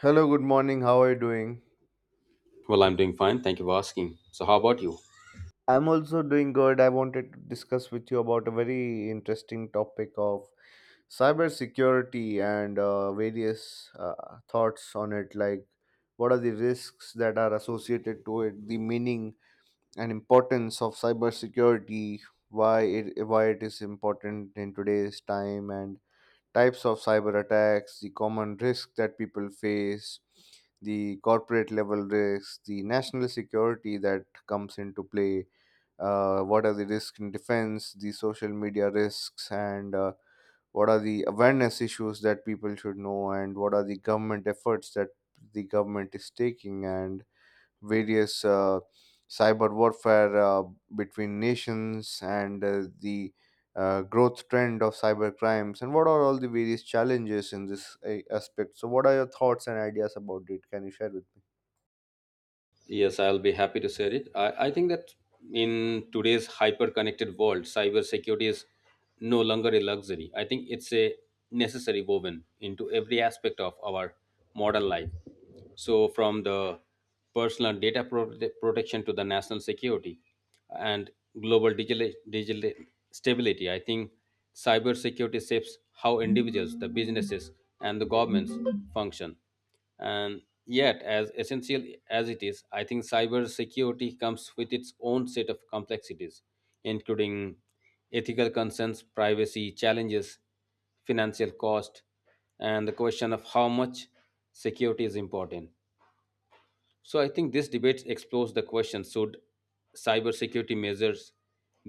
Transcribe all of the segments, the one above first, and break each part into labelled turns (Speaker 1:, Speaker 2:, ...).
Speaker 1: Hello, good morning. How are you doing?
Speaker 2: Well, I'm doing fine. Thank you for asking. So, how about you?
Speaker 1: I'm also doing good. I wanted to discuss with you about a very interesting topic of cybersecurity and various thoughts on it, like what are the risks that are associated to it, the meaning and importance of cybersecurity, why it is important in today's time, and types of cyber attacks, the common risks that people face, the corporate level risks, the national security that comes into play, what are the risks in defense, the social media risks, and what are the awareness issues that people should know, and what are the government efforts that the government is taking, and various cyber warfare between nations, and the growth trend of cyber crimes, and what are all the various challenges in this aspect. So, what are your thoughts and ideas about it? Can you share with me?
Speaker 2: Yes, I'll be happy to share it. I think that in today's hyper connected world, cybersecurity is no longer a luxury. I think it's a necessary woven into every aspect of our modern life. So, from the personal data protection to the national security and global digital stability, I think cybersecurity shapes how individuals, the businesses, and the governments function. And yet, as essential as it is, I think cybersecurity comes with its own set of complexities, including ethical concerns, privacy challenges, financial cost, and the question of how much security is important. So, I think this debate explores the question: should cybersecurity measures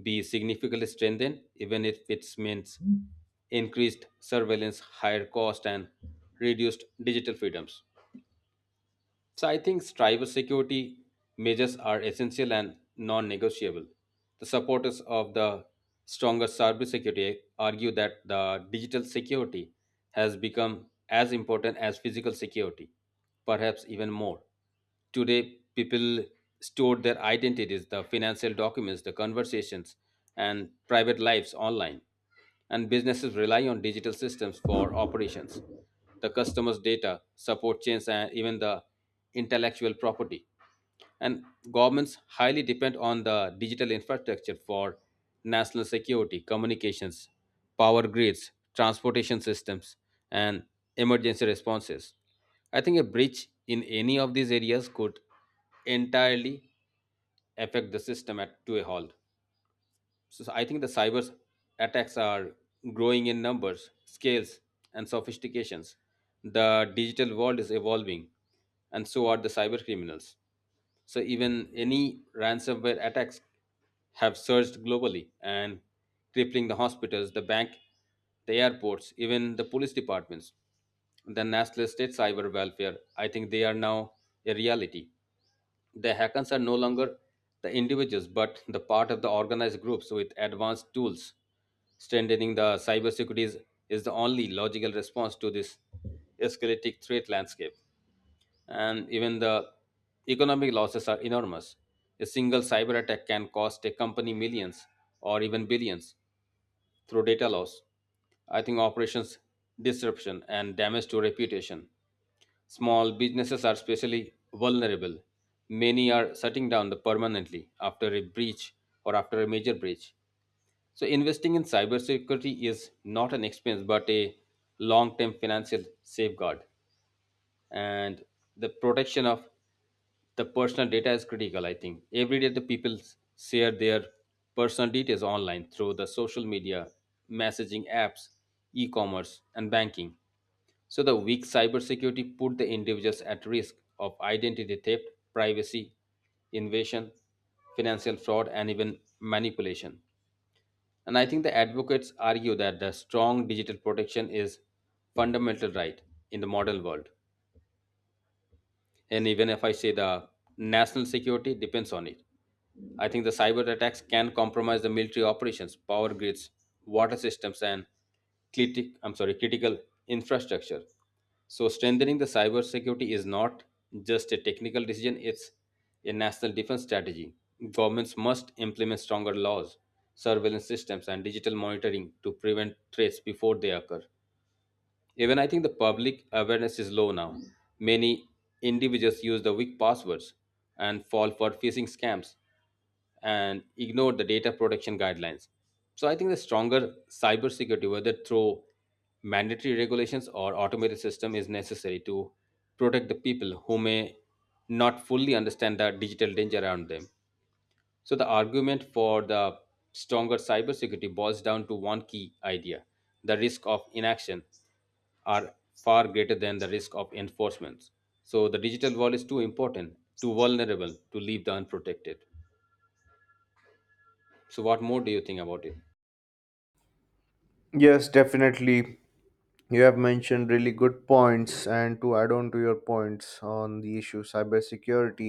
Speaker 2: be significantly strengthened, even if it means increased surveillance, higher cost, and reduced digital freedoms? So I think cybersecurity measures are essential and non-negotiable. The supporters of the stronger cybersecurity argue that the digital security has become as important as physical security, perhaps even more. Today, people store their identities, the financial documents, the conversations, and private lives online. And businesses rely on digital systems for operations, the customers' data, support chains, and even the intellectual property, and governments highly depend on the digital infrastructure for national security, communications, power grids, transportation systems, and emergency responses. I think a breach in any of these areas could entirely affect the system at, to a halt. So I think the cyber attacks are growing in numbers, scales, and sophistications. The digital world is evolving, and so are the cyber criminals. So even any ransomware attacks have surged globally and crippling the hospitals, the bank, the airports, even the police departments. The national state cyber welfare, I think they are now a reality. The hackers are no longer the individuals, but the part of the organized groups with advanced tools. Strengthening the cybersecurity is the only logical response to this escalating threat landscape, and even the economic losses are enormous. A single cyber attack can cost a company millions or even billions through data loss. I think operations disruption and damage to reputation. Small businesses are especially vulnerable. Many are shutting down permanently after a breach, or after a major breach. So, investing in cybersecurity is not an expense but a long term financial safeguard, and the protection of the personal data is critical. I think every day the people share their personal details online through the social media, messaging apps, e-commerce and banking. So the weak cybersecurity put the individuals at risk of identity theft, privacy invasion, financial fraud, and even manipulation. And I think the advocates argue that the strong digital protection is fundamental right in the modern world. And even if I say, the national security depends on it. I think the cyber attacks can compromise the military operations, power grids, water systems, and critic I'm sorry, critical infrastructure. So strengthening the cyber security is not just a technical decision, it's a national defense strategy. Governments must implement stronger laws, surveillance systems and digital monitoring to prevent threats before they occur. Even I think the public awareness is low now. Many individuals use the weak passwords and fall for phishing scams and ignore the data protection guidelines. So I think the stronger cybersecurity, whether through mandatory regulations or automated system, is necessary to protect the people who may not fully understand the digital danger around them. So the argument for the stronger cybersecurity boils down to one key idea: the risk of inaction are far greater than the risk of enforcement. So the digital wall is too important, too vulnerable to leave the unprotected. So what more do you think about it?
Speaker 1: Yes, definitely. You have mentioned really good points, and to add on to your points on the issue cybersecurity,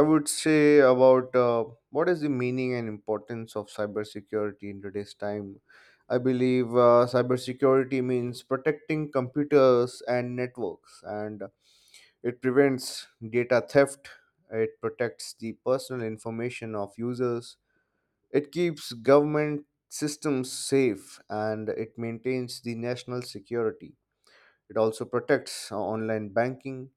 Speaker 1: I would say about what is the meaning and importance of cybersecurity in today's time. I believe cybersecurity means protecting computers and networks, and it prevents data theft, it protects the personal information of users, it keeps government systems safe, and it maintains the national security. It also protects online banking,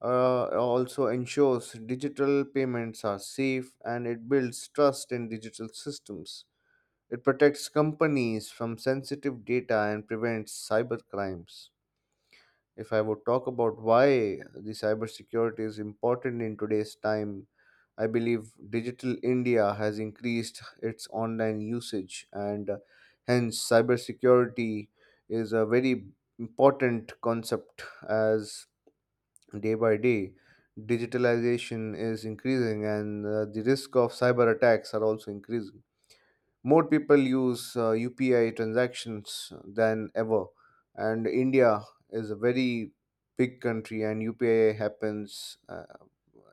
Speaker 1: also ensures digital payments are safe, and it builds trust in digital systems. It protects companies from sensitive data and prevents cyber crimes. If I would talk about why the cybersecurity is important in today's time, I believe Digital India has increased its online usage, and hence cybersecurity is a very important concept, as day by day digitalization is increasing and the risk of cyber attacks are also increasing. More people use UPI transactions than ever. And India is a very big country, and UPI happens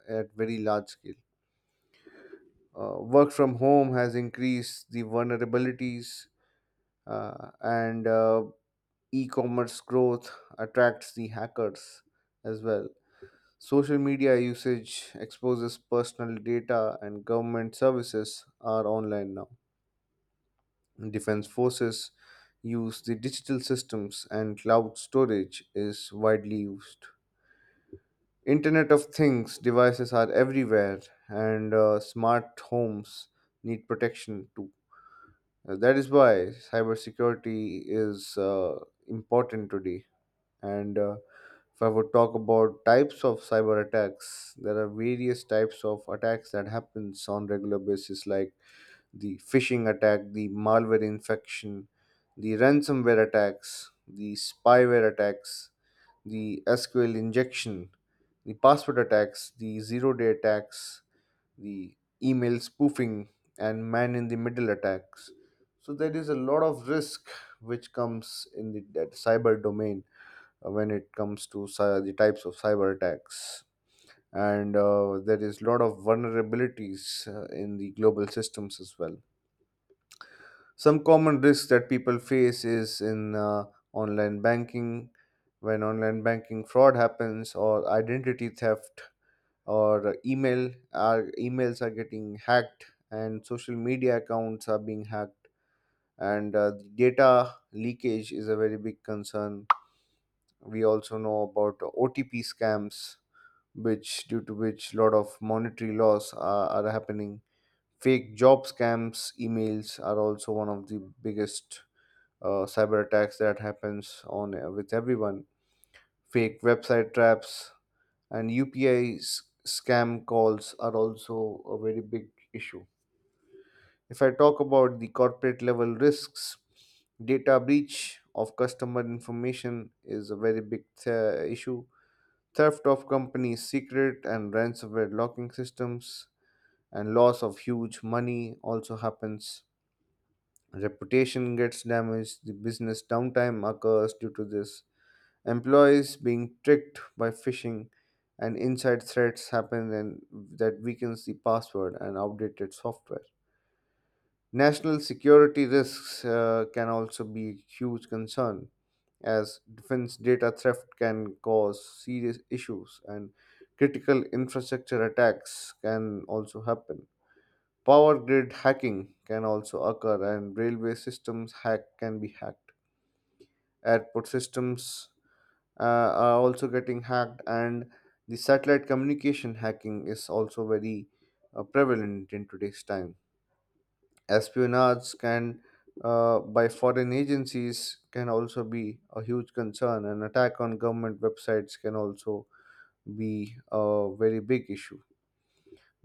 Speaker 1: at very large scale. Work from home has increased the vulnerabilities, and e-commerce growth attracts the hackers as well. Social media usage exposes personal data, and government services are online now. Defense forces use the digital systems, and cloud storage is widely used. Internet of Things devices are everywhere, and smart homes need protection too. That is why cybersecurity is important today. And if I would talk about types of cyber attacks, there are various types of attacks that happens on regular basis, like the phishing attack, the malware infection, the ransomware attacks, the spyware attacks, the SQL injection, the password attacks, the zero day attacks, the email spoofing, and man in the middle attacks. So there is a lot of risk which comes in the that cyber domain when it comes to the types of cyber attacks. And there is a lot of vulnerabilities in the global systems as well. Some common risks that people face is in online banking, when online banking fraud happens, or identity theft, or email, our emails are getting hacked, and social media accounts are being hacked, and data leakage is a very big concern. We also know about OTP scams, which due to which lot of monetary loss are happening. Fake job scams, emails are also one of the biggest cyber attacks that happens on with everyone. Fake website traps and UPI scam calls are also a very big issue. If I talk about the corporate level risks, data breach of customer information is a very big issue, theft of company secret and ransomware locking systems, and loss of huge money also happens. Reputation gets damaged, the business downtime occurs due to this. Employees being tricked by phishing and inside threats happen, and that weakens the password and outdated software. National security risks can also be a huge concern, as defense data theft can cause serious issues and critical infrastructure attacks can also happen. Power grid hacking can also occur, and railway systems hack can be hacked. Airport systems are also getting hacked, and the satellite communication hacking is also very prevalent in today's time. Espionage can by foreign agencies can also be a huge concern. An attack on government websites can also be a very big issue.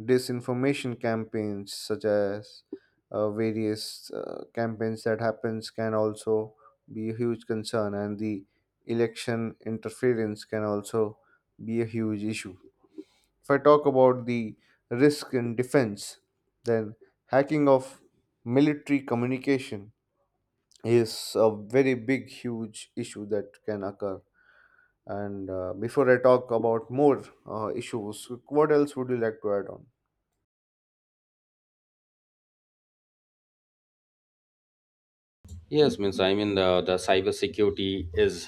Speaker 1: Disinformation campaigns, such as various campaigns that happens, can also be a huge concern, and the election interference can also be a huge issue. If I talk about the risk in defense, then hacking of military communication is a very big huge issue that can occur, and before I talk about more issues, what else would you like to add on?
Speaker 2: Yes, means I mean the cyber security is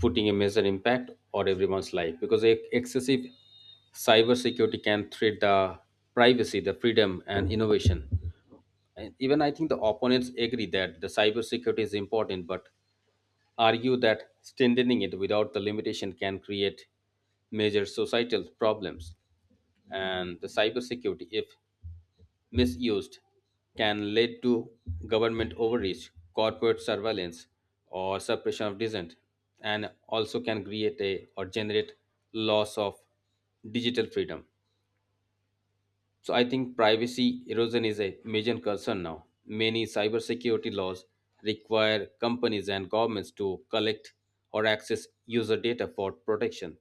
Speaker 2: putting a major impact on everyone's life because excessive cyber security can threat the privacy, the freedom, and innovation. And even I think the opponents agree that the cyber security is important, but argue that strengthening it without the limitation can create major societal problems. And the cybersecurity, if misused, can lead to government overreach, corporate surveillance, or suppression of dissent, and also can create a or generate loss of digital freedom. So I think privacy erosion is a major concern now. Many cybersecurity laws require companies and governments to collect or access user data for protection,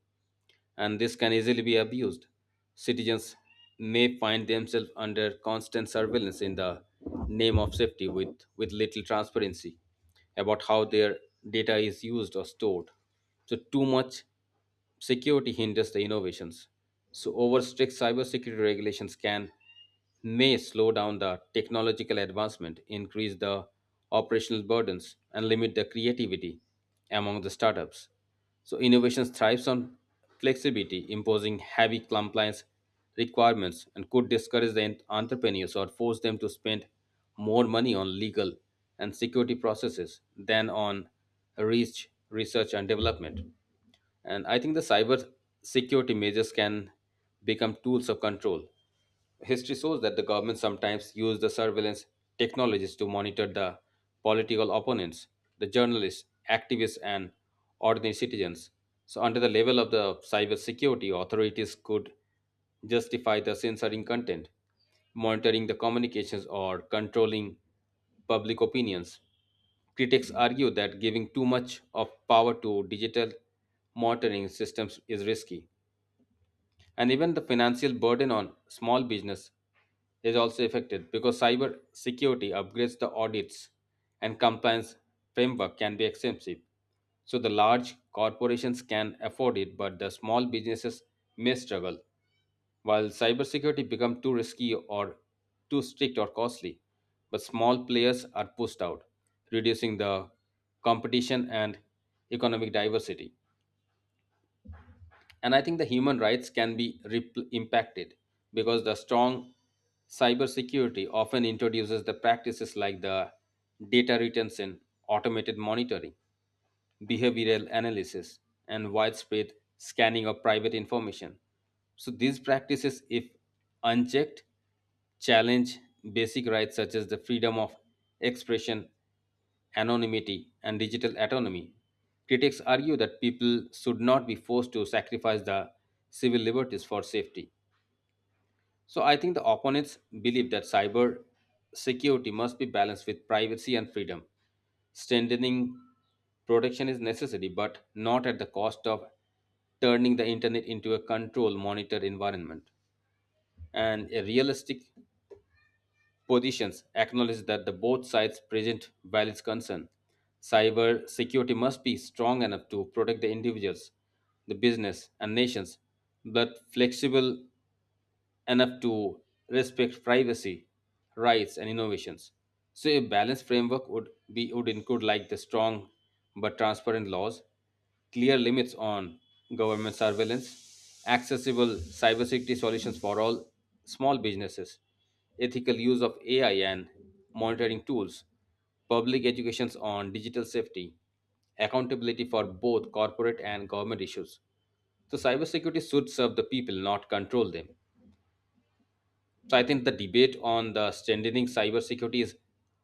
Speaker 2: and this can easily be abused. Citizens may find themselves under constant surveillance in the name of safety, with little transparency about how their data is used or stored. So, too much security hinders the innovations. So, over strict cybersecurity regulations can may slow down the technological advancement, increase the operational burdens, and limit the creativity among the startups. So, innovation thrives on flexibility, imposing heavy compliance requirements, and could discourage the entrepreneurs or force them to spend more money on legal and security processes than on research and development. And I think the cyber security measures can become tools of control. History shows that the government sometimes used the surveillance technologies to monitor the political opponents, the journalists, activists, and ordinary citizens. So, under the level of the cybersecurity, authorities could justify the censoring content, monitoring the communications, or controlling public opinions. Critics argue that giving too much of power to digital monitoring systems is risky. And even the financial burden on small business is also affected because cyber security upgrades, the audits and compliance framework can be expensive. So the large corporations can afford it, but the small businesses may struggle. While cybersecurity become too risky or too strict or costly, but small players are pushed out, reducing the competition and economic diversity. And I think the human rights can be repl impacted because the strong cybersecurity often introduces the practices like the data retention, automated monitoring, behavioral analysis, and widespread scanning of private information. So, these practices, if unchecked, challenge basic rights such as the freedom of expression, anonymity, and digital autonomy. Critics argue that people should not be forced to sacrifice the civil liberties for safety. So I think the opponents believe that cyber security must be balanced with privacy and freedom. Strengthening protection is necessary, but not at the cost of turning the internet into a control monitored environment. And a realistic positions acknowledge that the both sides present valid concern. Cyber security must be strong enough to protect the individuals, the business, and nations, but flexible enough to respect privacy, rights, and innovations. So, a balanced framework would include like the strong but transparent laws, clear limits on government surveillance, accessible cybersecurity solutions for all small businesses, ethical use of AI and monitoring tools, public educations on digital safety, accountability for both corporate and government issues. So cybersecurity should serve the people, not control them. So I think the debate on the strengthening cybersecurity is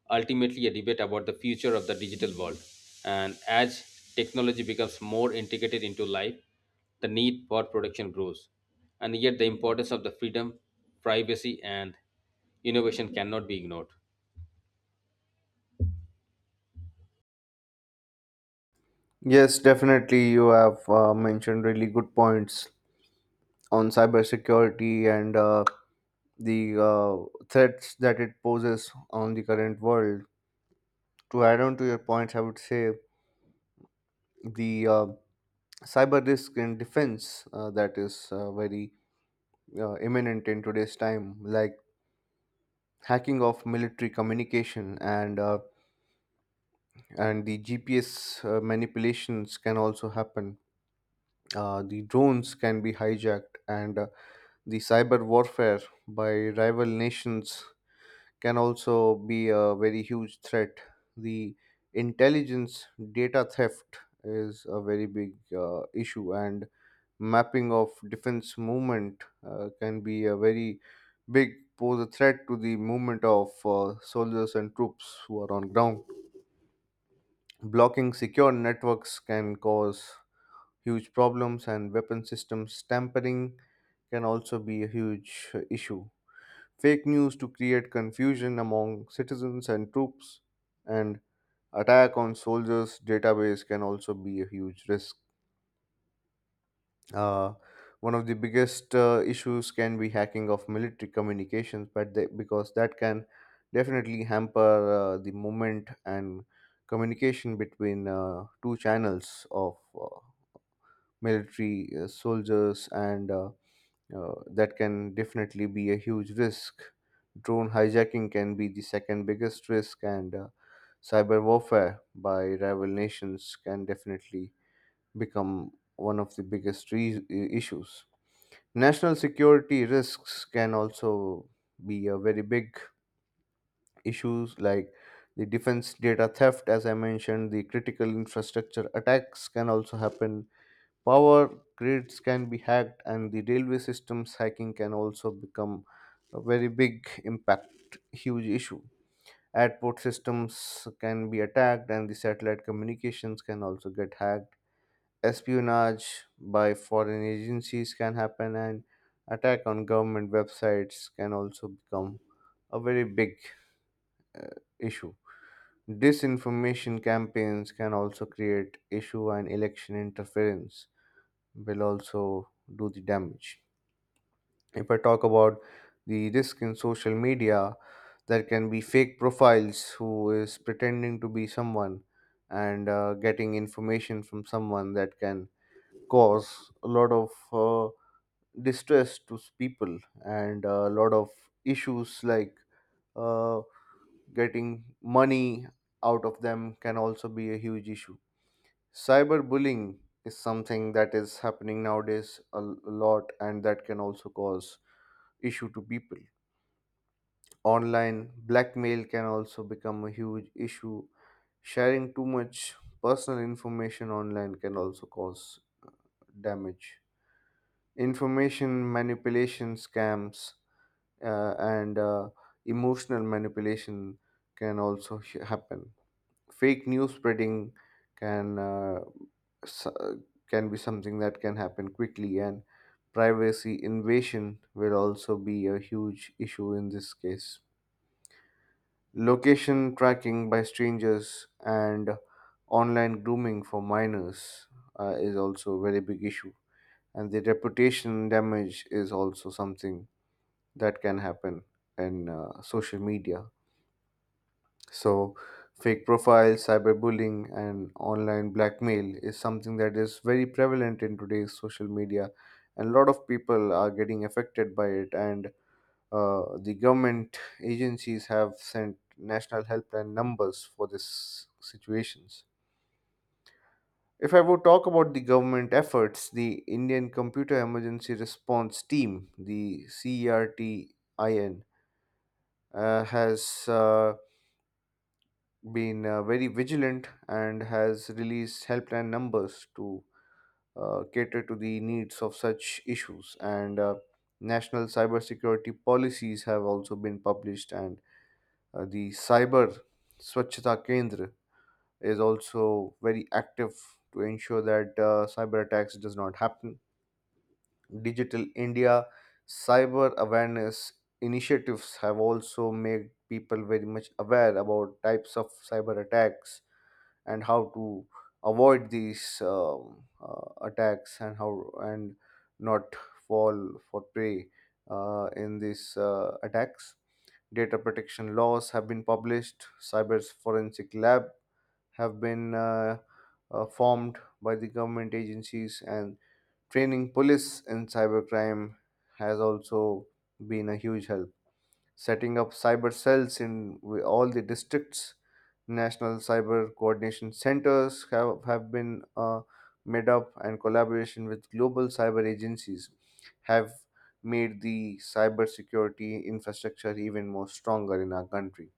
Speaker 2: ultimately a debate about the future of the digital world. And as technology becomes more integrated into life, the need for protection grows. And yet the importance of the freedom, privacy, and innovation cannot be ignored.
Speaker 1: Yes, definitely. You have mentioned really good points on cybersecurity and the threats that it poses on the current world. To add on to your points, I would say the cyber risk and defense that is very imminent in today's time, like hacking of military communication and the GPS manipulations can also happen. The drones can be hijacked, and the cyber warfare by rival nations can also be a very huge threat. The intelligence data theft is a very big issue, and mapping of defense movement can be a very big pose a threat to the movement of soldiers and troops who are on ground. Blocking secure networks can cause huge problems, and weapon systems tampering can also be a huge issue. Fake news to create confusion among citizens and troops, and attack on soldiers' database can also be a huge risk. Uh, One of the biggest issues can be hacking of military communications, but they, because that can definitely hamper the movement and communication between two channels of military soldiers and that can definitely be a huge risk. Drone hijacking can be the second biggest risk, and cyber warfare by rival nations can definitely become one of the biggest issues. National security risks can also be a very big issues, like the defense data theft, as I mentioned. The critical infrastructure attacks can also happen. Power grids can be hacked, and the railway systems hacking can also become a very big impact, huge issue. Airport systems can be attacked, and the satellite communications can also get hacked. Espionage by foreign agencies can happen, and attack on government websites can also become a very big uh, issue. Disinformation campaigns can also create issue, and election interference will also do the damage. If I talk about the risk in social media, there can be fake profiles who is pretending to be someone and getting information from someone that can cause a lot of distress to people, and a lot of issues like uh, getting money out of them can also be a huge issue. Cyberbullying is something that is happening nowadays a lot, and that can also cause issue to people. Online blackmail can also become a huge issue. Sharing too much personal information online can also cause damage. Information manipulation scams and emotional manipulation can also happen. Fake news spreading can uh, s- uh, can be something that can happen quickly, and privacy invasion will also be a huge issue in this case. Location tracking by strangers and online grooming for minors is also a very big issue, and the reputation damage is also something that can happen in social media. So, fake profiles, cyberbullying, and online blackmail is something that is very prevalent in today's social media, and a lot of people are getting affected by it. And the government agencies have sent national helpline numbers for these situations. If I would talk about the government efforts, the Indian Computer Emergency Response Team, the CERTIN, has been very vigilant and has released helpline numbers to cater to the needs of such issues. And national cybersecurity policies have also been published, and the Cyber Swachhata Kendra is also very active to ensure that cyber attacks does not happen. Digital India cyber awareness initiatives have also made people very much aware about types of cyber attacks and how to avoid these attacks, and how and not fall for prey in these attacks. Data protection laws have been published. Cyber forensic lab have been formed by the government agencies, and training police in cybercrime has also been a huge help, setting up cyber cells in all the districts. National cyber coordination centers have been made up, and collaboration with global cyber agencies have made the cyber security infrastructure even more stronger in our country.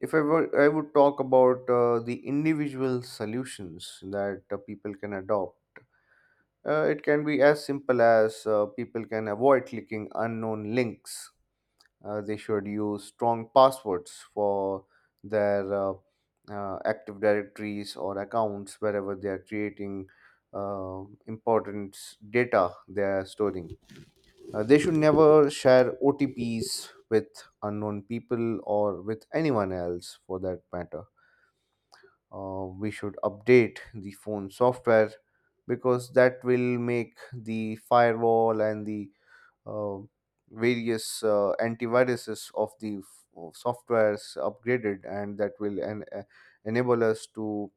Speaker 1: If I were, I would talk about the individual solutions that people can adopt. It can be as simple as people can avoid clicking unknown links. They should use strong passwords for their active directories or accounts wherever they are creating important data they are storing. They should never share OTPs with unknown people or with anyone else for that matter. We should update the phone software, because that will make the firewall and the uh, various antiviruses of the of softwares upgraded, and that will enable us to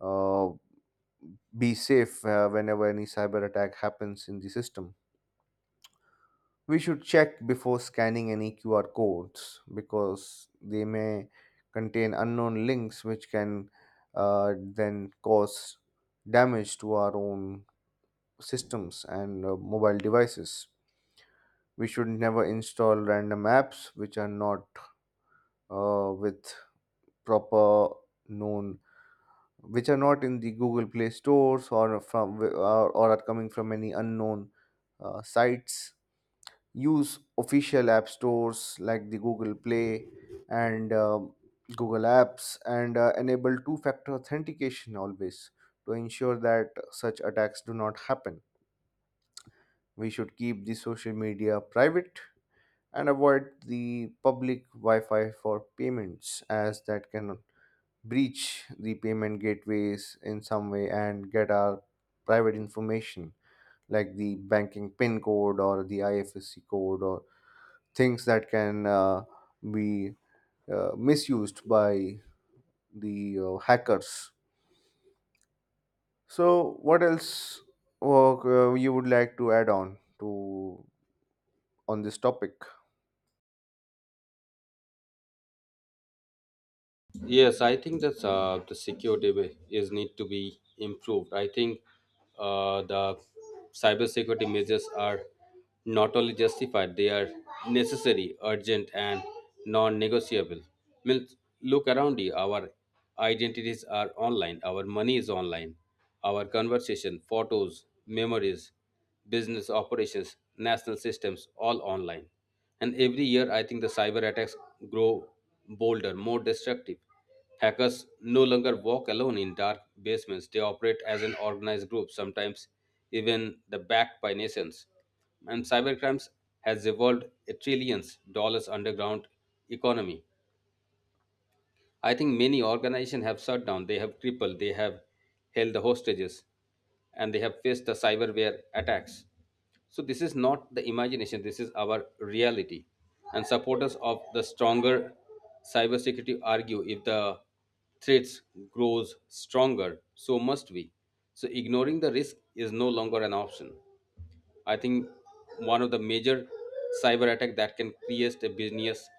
Speaker 1: uh, be safe whenever any cyber attack happens in the system. We should check before scanning any QR codes, because they may contain unknown links, which can then cause damage to our own systems and mobile devices. We should never install random apps which are not with proper known, which are not in the Google Play stores, or from or are coming from any unknown sites. Use official app stores like the Google Play and Google apps, and enable two factor authentication always to ensure that such attacks do not happen. We should keep the social media private and avoid the public Wi Fi for payments, as that can breach the payment gateways in some way and get our private information, like the banking PIN code or the IFSC code, or things that can be misused by the hackers. So, what else you would like to add on to on this topic?
Speaker 2: Yes, I think that the security is need to be improved. I think the cybersecurity measures are not only justified; they are necessary, urgent, and non-negotiable. Means, look around you. Our identities are online. Our money is online. Our conversation, photos, memories, business operations, national systems, all online. And every year, I think the cyber attacks grow bolder, more destructive. Hackers no longer walk alone in dark basements, they operate as an organized group, sometimes even the backed by nations. And cybercrimes has evolved a trillions dollars underground economy. I think many organizations have shut down, they have crippled, they have held the hostages, and they have faced the cyberware attacks. So this is not the imagination, this is our reality. And supporters of the stronger cybersecurity argue if the threats grows stronger, so must we. So ignoring the risk is no longer an option. I think one of the major cyber attack that can create a business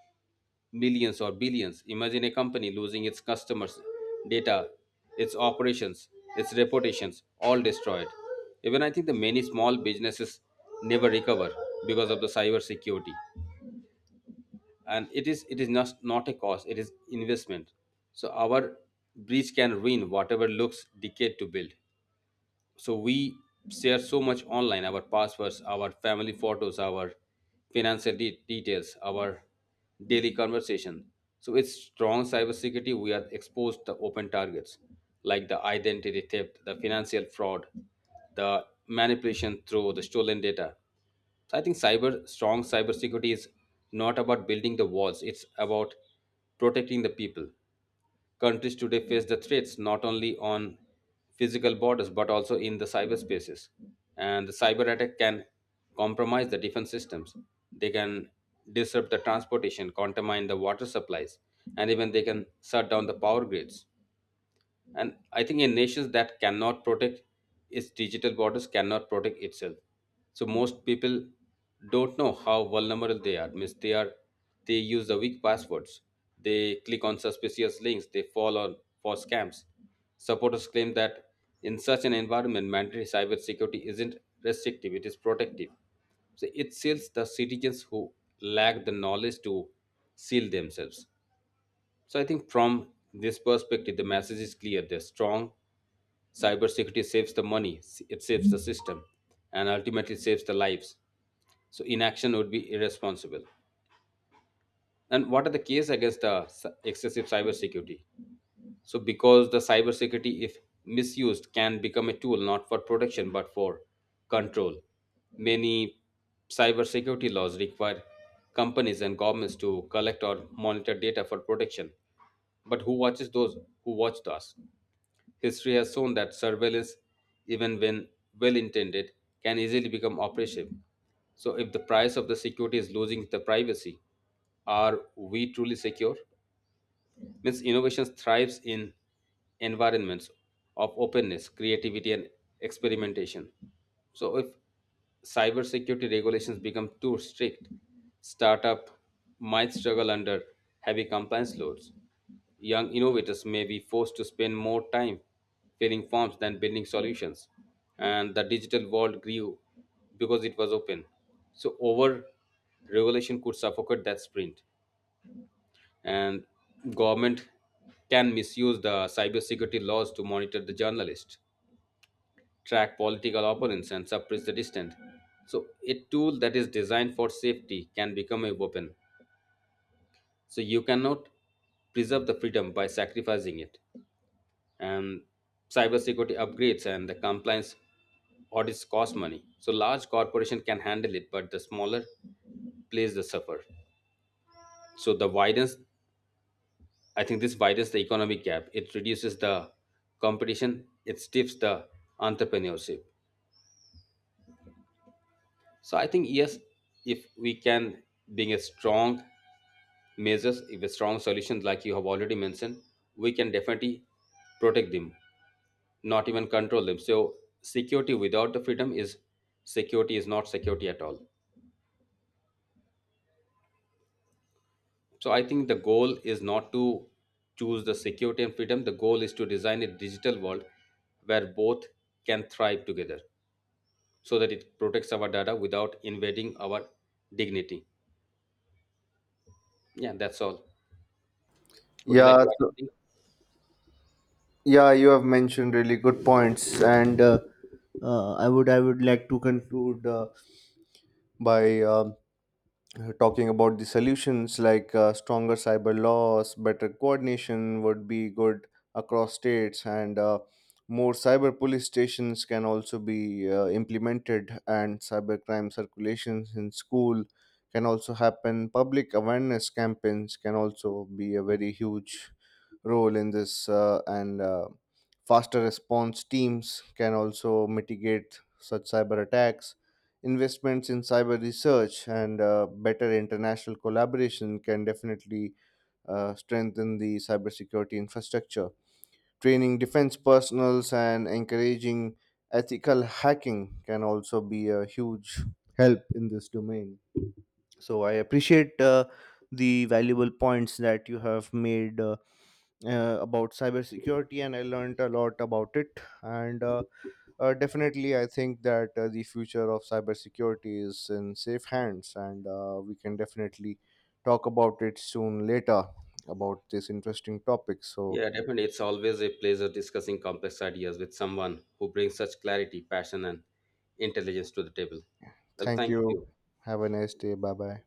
Speaker 2: millions or billions. Imagine a company losing its customers, data, its operations, its reputations, all destroyed. Even I think the many small businesses never recover because of the cyber security. And it is not a cost, it is investment. So our breach can ruin whatever looks decade to build. So we share so much online, our passwords, our family photos, our financial details, our daily conversation. So with strong cybersecurity we are exposed to open targets, like the identity theft, the financial fraud, the manipulation through the stolen data. So I think cyber strong cybersecurity is not about building the walls; it's about protecting the people. Countries today face the threats not only on physical borders but also in the cyberspaces. And the cyber attack can compromise the defense systems. They can disrupt the transportation, contamine the water supplies, and even they can shut down the power grids. And I think in nations that cannot protect its digital borders, cannot protect itself. So most people don't know how vulnerable they are. Means they use the weak passwords. They click on suspicious links. They fall on for scams. Supporters claim that in such an environment, mandatory cybersecurity isn't restrictive; it is protective. So it seals the citizens who lack the knowledge to seal themselves. So I think from this perspective, the message is clear. The strong cybersecurity saves the money, it saves the system, and ultimately saves the lives. So inaction would be irresponsible. And what are the case against the excessive cybersecurity? So, because the cybersecurity, if misused, can become a tool not for protection but for control. Many cybersecurity laws require companies and governments to collect or monitor data for protection. But who watches those who watched us? History has shown that surveillance, even when well intended, can easily become oppressive. So, if the price of the security is losing the privacy, are we truly secure? Means innovation thrives in environments of openness, creativity, and experimentation. So if cybersecurity regulations become too strict, startup might struggle under heavy compliance loads. Young innovators may be forced to spend more time filling forms than building solutions. And the digital world grew because it was open. So over regulation could suffocate that sprint. And government can misuse the cybersecurity laws to monitor the journalist, track political opponents, and suppress the dissident. So, a tool that is designed for safety can become a weapon. So, you cannot preserve the freedom by sacrificing it. And cybersecurity upgrades and the compliance audits cost money. So, large corporation can handle it, but the smaller place the suffer. So, the widens I think this widens the economic gap. It reduces the competition. It stiffs the entrepreneurship. So I think yes, if we can bring a strong measures, if a strong solution like you have already mentioned, we can definitely protect them, not even control them. So security without the freedom is security is not security at all. So I think the goal is not to choose the security and freedom. The goal is to design a digital world where both can thrive together, so that it protects our data without invading our dignity. Yeah, that's all. Would you like
Speaker 1: Yeah.
Speaker 2: to add
Speaker 1: So,
Speaker 2: anything?
Speaker 1: yeah, you have mentioned really good points, and I would like to conclude by talking about the solutions, like stronger cyber laws, better coordination would be good across states, and more cyber police stations can also be implemented, and cyber crime circulations in school can also happen. Public awareness campaigns can also be a very huge role in this, and faster response teams can also mitigate such cyber attacks. Investments in cyber research and better international collaboration can definitely strengthen the cybersecurity infrastructure. Training defense personals and encouraging ethical hacking can also be a huge help in this domain. So I appreciate the valuable points that you have made about cybersecurity, and I learned a lot about it. And definitely, I think that the future of cybersecurity is in safe hands, and we can definitely talk about it soon later about this interesting topic. So,
Speaker 2: Yeah, definitely. It's always a pleasure discussing complex ideas with someone who brings such clarity, passion, and intelligence to the table. Well,
Speaker 1: thank
Speaker 2: thank
Speaker 1: you.
Speaker 2: you.
Speaker 1: Have a nice day. Bye bye.